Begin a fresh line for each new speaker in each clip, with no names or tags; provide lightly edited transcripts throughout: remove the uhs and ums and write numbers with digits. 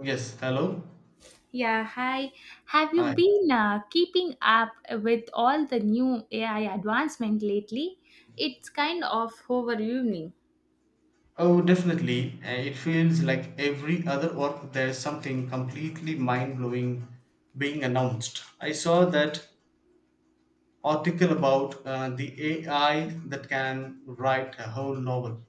Yes, hello.
Yeah, hi. Have you
Hi.
been keeping up with all the new AI advancement lately? It's kind of overwhelming.
Oh, definitely. It feels like every other work there's something completely mind-blowing being announced. I saw that article about the AI that can write a whole novel.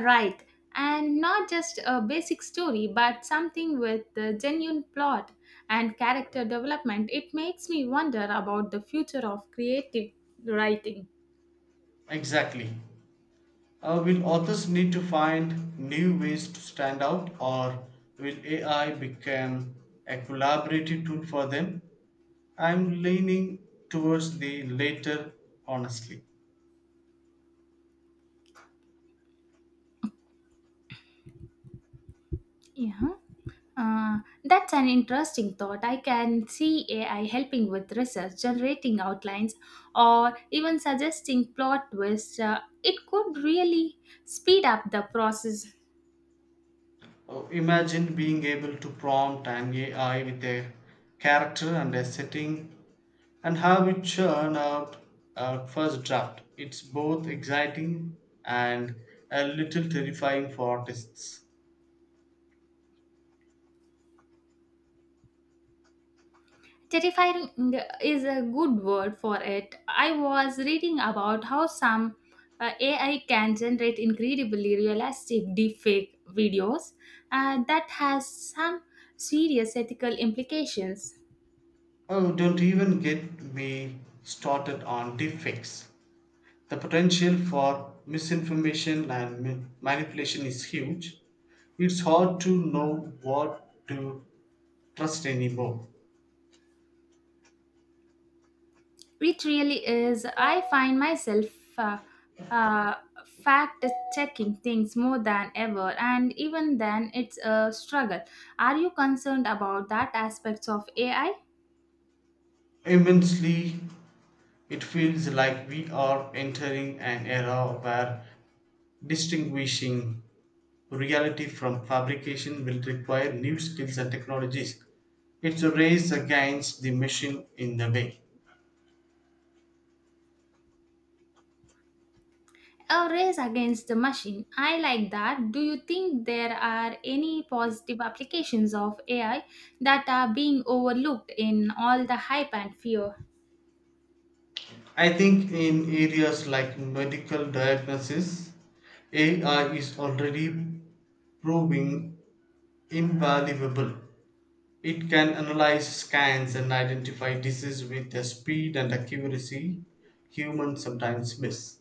Right. And not just a basic story, but something with a genuine plot and character development. It makes me wonder about the future of creative writing.
Exactly. Will authors need to find new ways to stand out, or will AI become a collaborative tool for them? I'm leaning towards the latter, honestly.
Yeah. Uh, that's an interesting thought. I can see AI helping with research, generating outlines, or even suggesting plot twists. It could really speed up the process.
Oh, imagine being able to prompt an AI with a character and a setting and have it churn out a first draft. It's both exciting and a little terrifying for artists.
Terrifying is a good word for it. I was reading about how some AI can generate incredibly realistic deepfake videos that has some serious ethical implications.
Oh, don't even get me started on deepfakes. The potential for misinformation and manipulation is huge. It's hard to know what to trust anymore.
It really is. I find myself uh, uh, fact checking things more than ever, and even then, it's a struggle. Are you concerned about that aspects of AI?
Immensely. It feels like we are entering an era where distinguishing reality from fabrication will require new skills and technologies. It's a race against the machine in a way.
A race against the machine. I like that. Do you think there are any positive applications of AI that are being overlooked in all the hype and fear?
I think in areas like medical diagnosis, AI is already proving invaluable. It can analyze scans and identify disease with a speed and accuracy humans sometimes miss.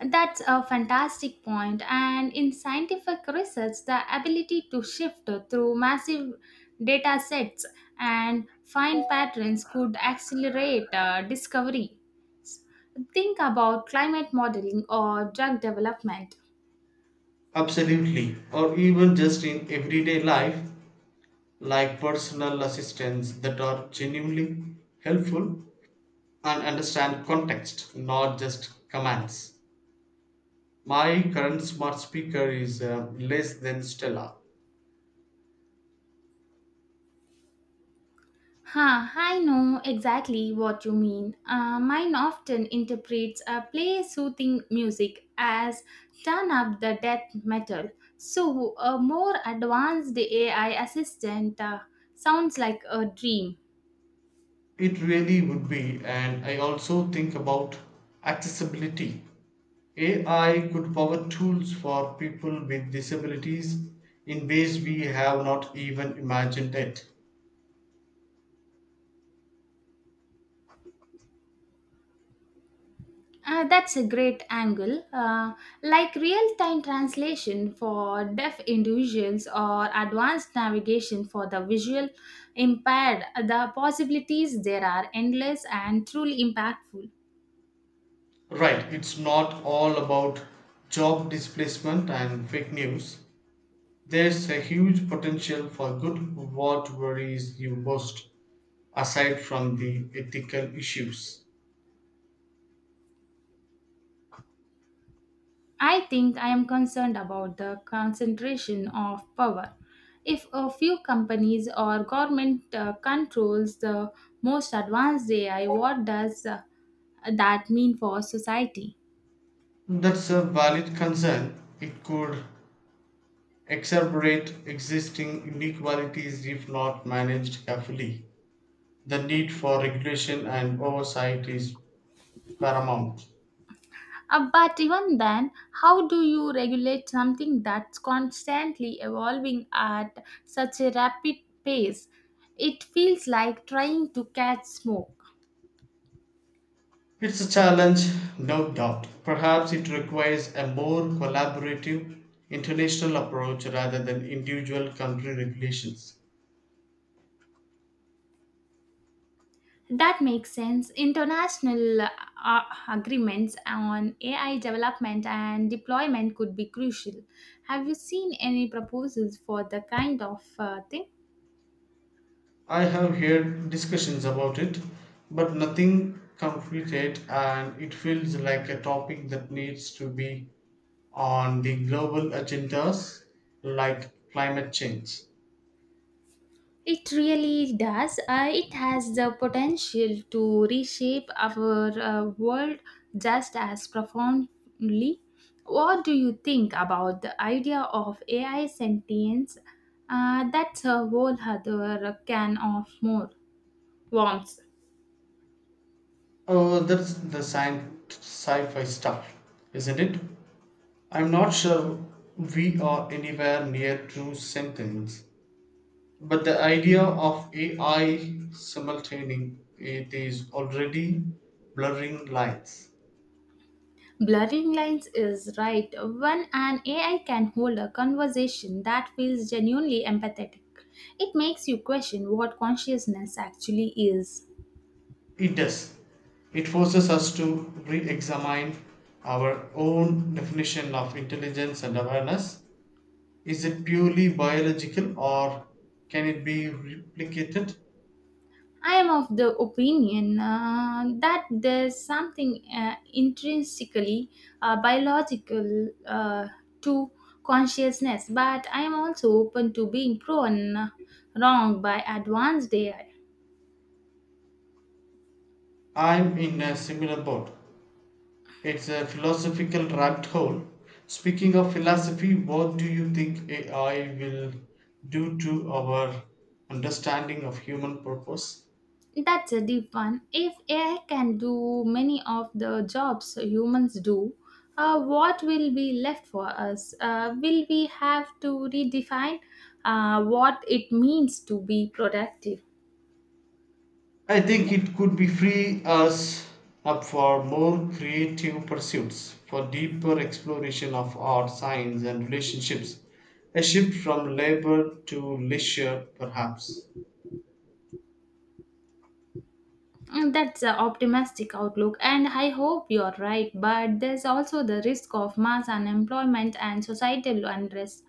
That's a fantastic point. And in scientific research, the ability to shift through massive data sets and find patterns could accelerate discovery. Think about climate modeling or drug development.
Absolutely. Or even just in everyday life, like personal assistants that are genuinely helpful and understand context, not just commands. My current smart speaker is less than Stella.
Huh, I know exactly what you mean. Mine often interprets a play soothing music as turn up the death metal. So, a more advanced AI assistant sounds like a dream.
It really would be, and I also think about accessibility. AI could power tools for people with disabilities in ways we have not even imagined yet.
That's a great angle. Like real time translation for deaf individuals or advanced navigation for the visual impaired, the possibilities there are endless and truly impactful.
Right, it's not all about job displacement and fake news. There's a huge potential for good. What worries you most, aside from the ethical issues?
I think I am concerned about the concentration of power. If a few companies or government controls the most advanced AI, what does that mean for society?
That's a valid concern. It could exacerbate existing inequalities if not managed carefully. The need for regulation and oversight is paramount.
But even then, how do you regulate something that's constantly evolving at such a rapid pace? It feels like trying to catch smoke.
It's a challenge, no doubt. Perhaps it requires a more collaborative international approach rather than individual country regulations.
That makes sense. International uh, agreements on AI development and deployment could be crucial. Have you seen any proposals for the kind of thing?
I have heard discussions about it, but nothing concrete yet, and it feels like a topic that needs to be on the global agendas like climate change.
It really does. It has the potential to reshape our world just as profoundly. What do you think about the idea of AI sentience? That's a whole other can of more worms.
Oh, that's the science sci fi stuff, isn't it? I'm not sure we are anywhere near true sentience, but the idea of AI simultaneing it is already blurring lines.
Blurring lines is right when an AI can hold a conversation that feels genuinely empathetic. It makes you question what consciousness actually is.
It does. It forces us to re examine our own definition of intelligence and awareness. Is it purely biological or can it be replicated?
I am of the opinion that there's something intrinsically biological to consciousness, but I am also open to being proven wrong by advanced AI.
I'm in a similar boat. It's a philosophical rabbit hole. Speaking of philosophy, what do you think AI will do to our understanding of human purpose?
That's a deep one. If AI can do many of the jobs humans do, what will be left for us? Will we have to redefine what it means to be productive?
I think it could be free us up for more creative pursuits, for deeper exploration of art, science, and relationships. A shift from labor to leisure, perhaps.
Mm, that's an optimistic outlook, and I hope you're right. But there's also the risk of mass unemployment and societal unrest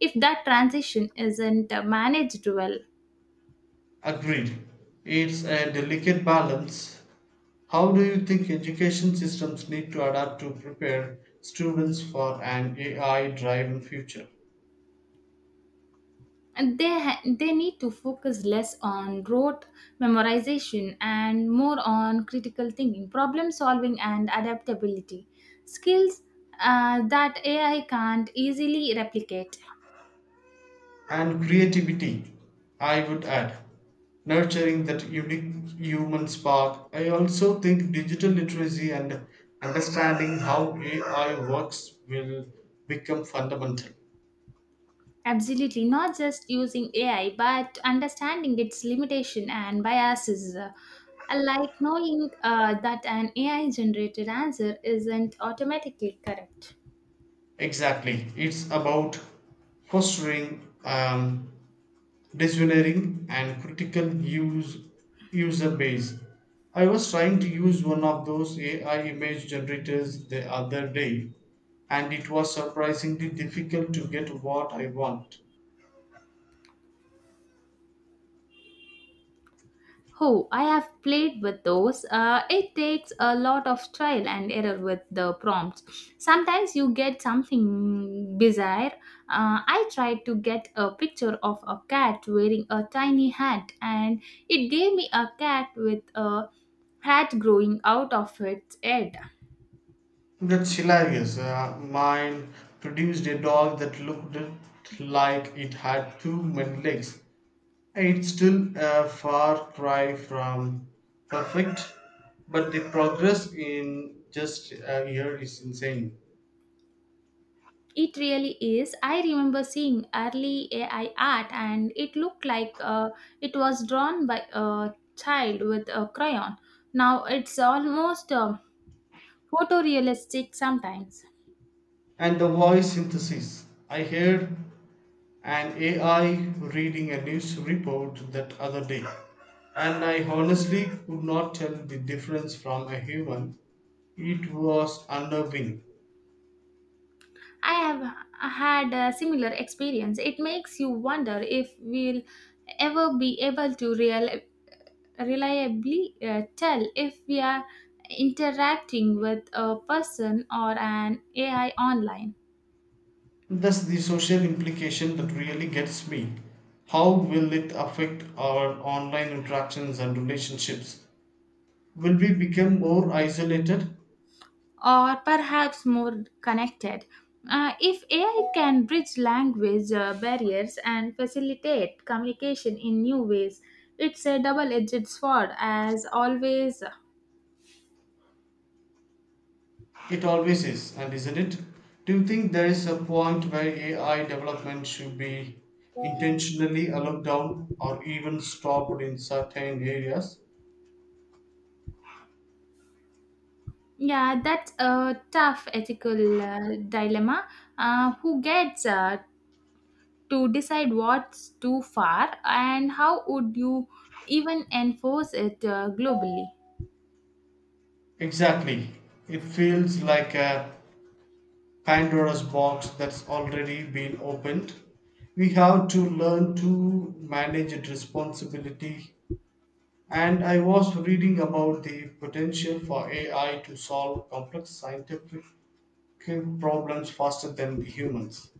if that transition isn't managed well.
Agreed. It's a delicate balance. How do you think education systems need to adapt to prepare students for an AI driven future?
And they need to focus less on rote memorization and more on critical thinking problem solving and adaptability skills that AI can't easily replicate.
And creativity, I would add, nurturing that unique human spark. I also think digital literacy and understanding how AI works will become fundamental.
Absolutely, not just using AI but understanding its limitation and biases, like knowing that an AI generated answer isn't automatically correct.
Exactly. It's about fostering Visioneering and critical use user base. I was trying to use one of those AI image generators the other day, and it was surprisingly difficult to get what I want.
Oh, I have played with those. It takes a lot of trial and error with the prompts. Sometimes you get something bizarre. I tried to get a picture of a cat wearing a tiny hat, and it gave me a cat with a hat growing out of its head.
That's hilarious. Mine produced a dog that looked like it had too many legs. It's still a far cry from perfect, but the progress in just a year is insane.
It really is. I remember seeing early AI art, and it looked like it was drawn by a child with a crayon. Now it's almost photorealistic sometimes.
And the voice synthesis. I heard an AI reading a news report that other day, and I honestly could not tell the difference from a human. It was unnerving.
I have had a similar experience. It makes you wonder if we'll ever be able to reliably tell if we are interacting with a person or an AI online,
That's the social implication that really gets me. How will it affect our online interactions and relationships? Will we become more isolated?
or perhaps more connected. If AI can bridge language barriers and facilitate communication in new ways, it's a double edged sword as always.
It always is, and isn't it? Do you think there is a point where AI development should be intentionally allowed down or even stopped in certain areas?
Yeah, that's a tough ethical dilemma. Who gets to decide what's too far and how would you even enforce it globally?
Exactly. It feels like a Pandora's box that's already been opened. We have to learn to manage it responsibility. And I was reading about the potential for AI to solve complex scientific problems faster than the humans.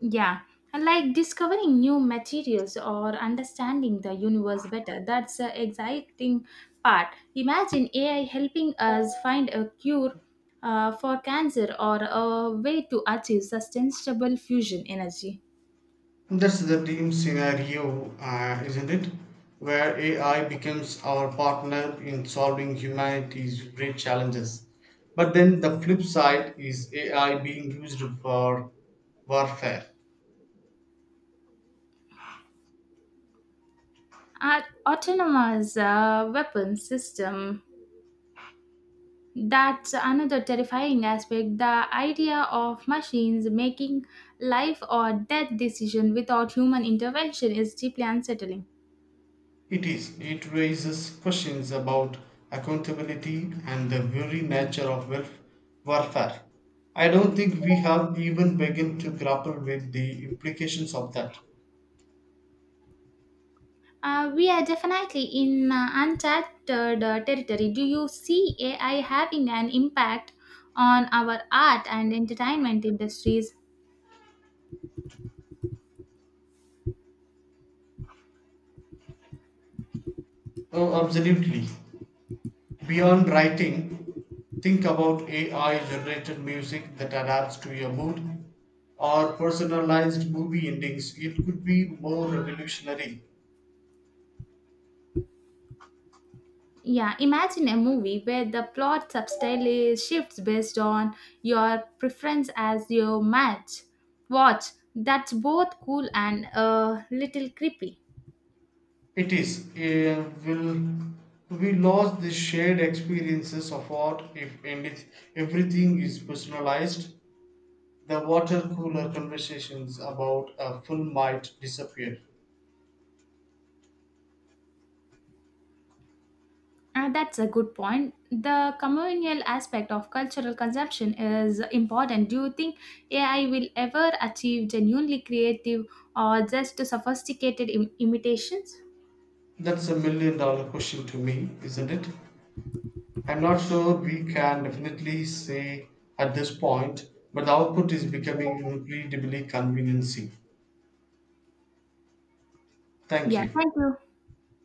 Yeah, like discovering new materials or understanding the universe better. That's the exciting part. Imagine AI helping us find a cure for cancer or a way to achieve sustainable fusion energy.
That's the dream scenario, isn't it? Where AI becomes our partner in solving humanity's great challenges. But then the flip side is AI being used for warfare.
An autonomous weapon system. That's another terrifying aspect. The idea of machines making life or death decision without human intervention is deeply unsettling.
It is. It raises questions about accountability and the very nature of warfare. I don't think we have even begun to grapple with the implications of that.
We are definitely in uncharted territory. Do you see AI having an impact on our art and entertainment industries?
Oh, absolutely. Beyond writing, think about AI generated music that adapts to your mood or personalized movie endings. It could be more revolutionary.
Yeah, imagine a movie where the plot subtly shifts based on your preference as your match. Watch, that's both cool and a little creepy.
It is. Will we lost the shared experiences of art if everything is personalized? The water cooler conversations about a film might disappear.
That's a good point. The communal aspect of cultural consumption is important. Do you think AI will ever achieve genuinely creative or just sophisticated imitations?
That's a million dollar question to me, isn't it? I'm not sure we can definitely say at this point, but the output is becoming incredibly convincing. Thank
Yeah,
you.
thank you.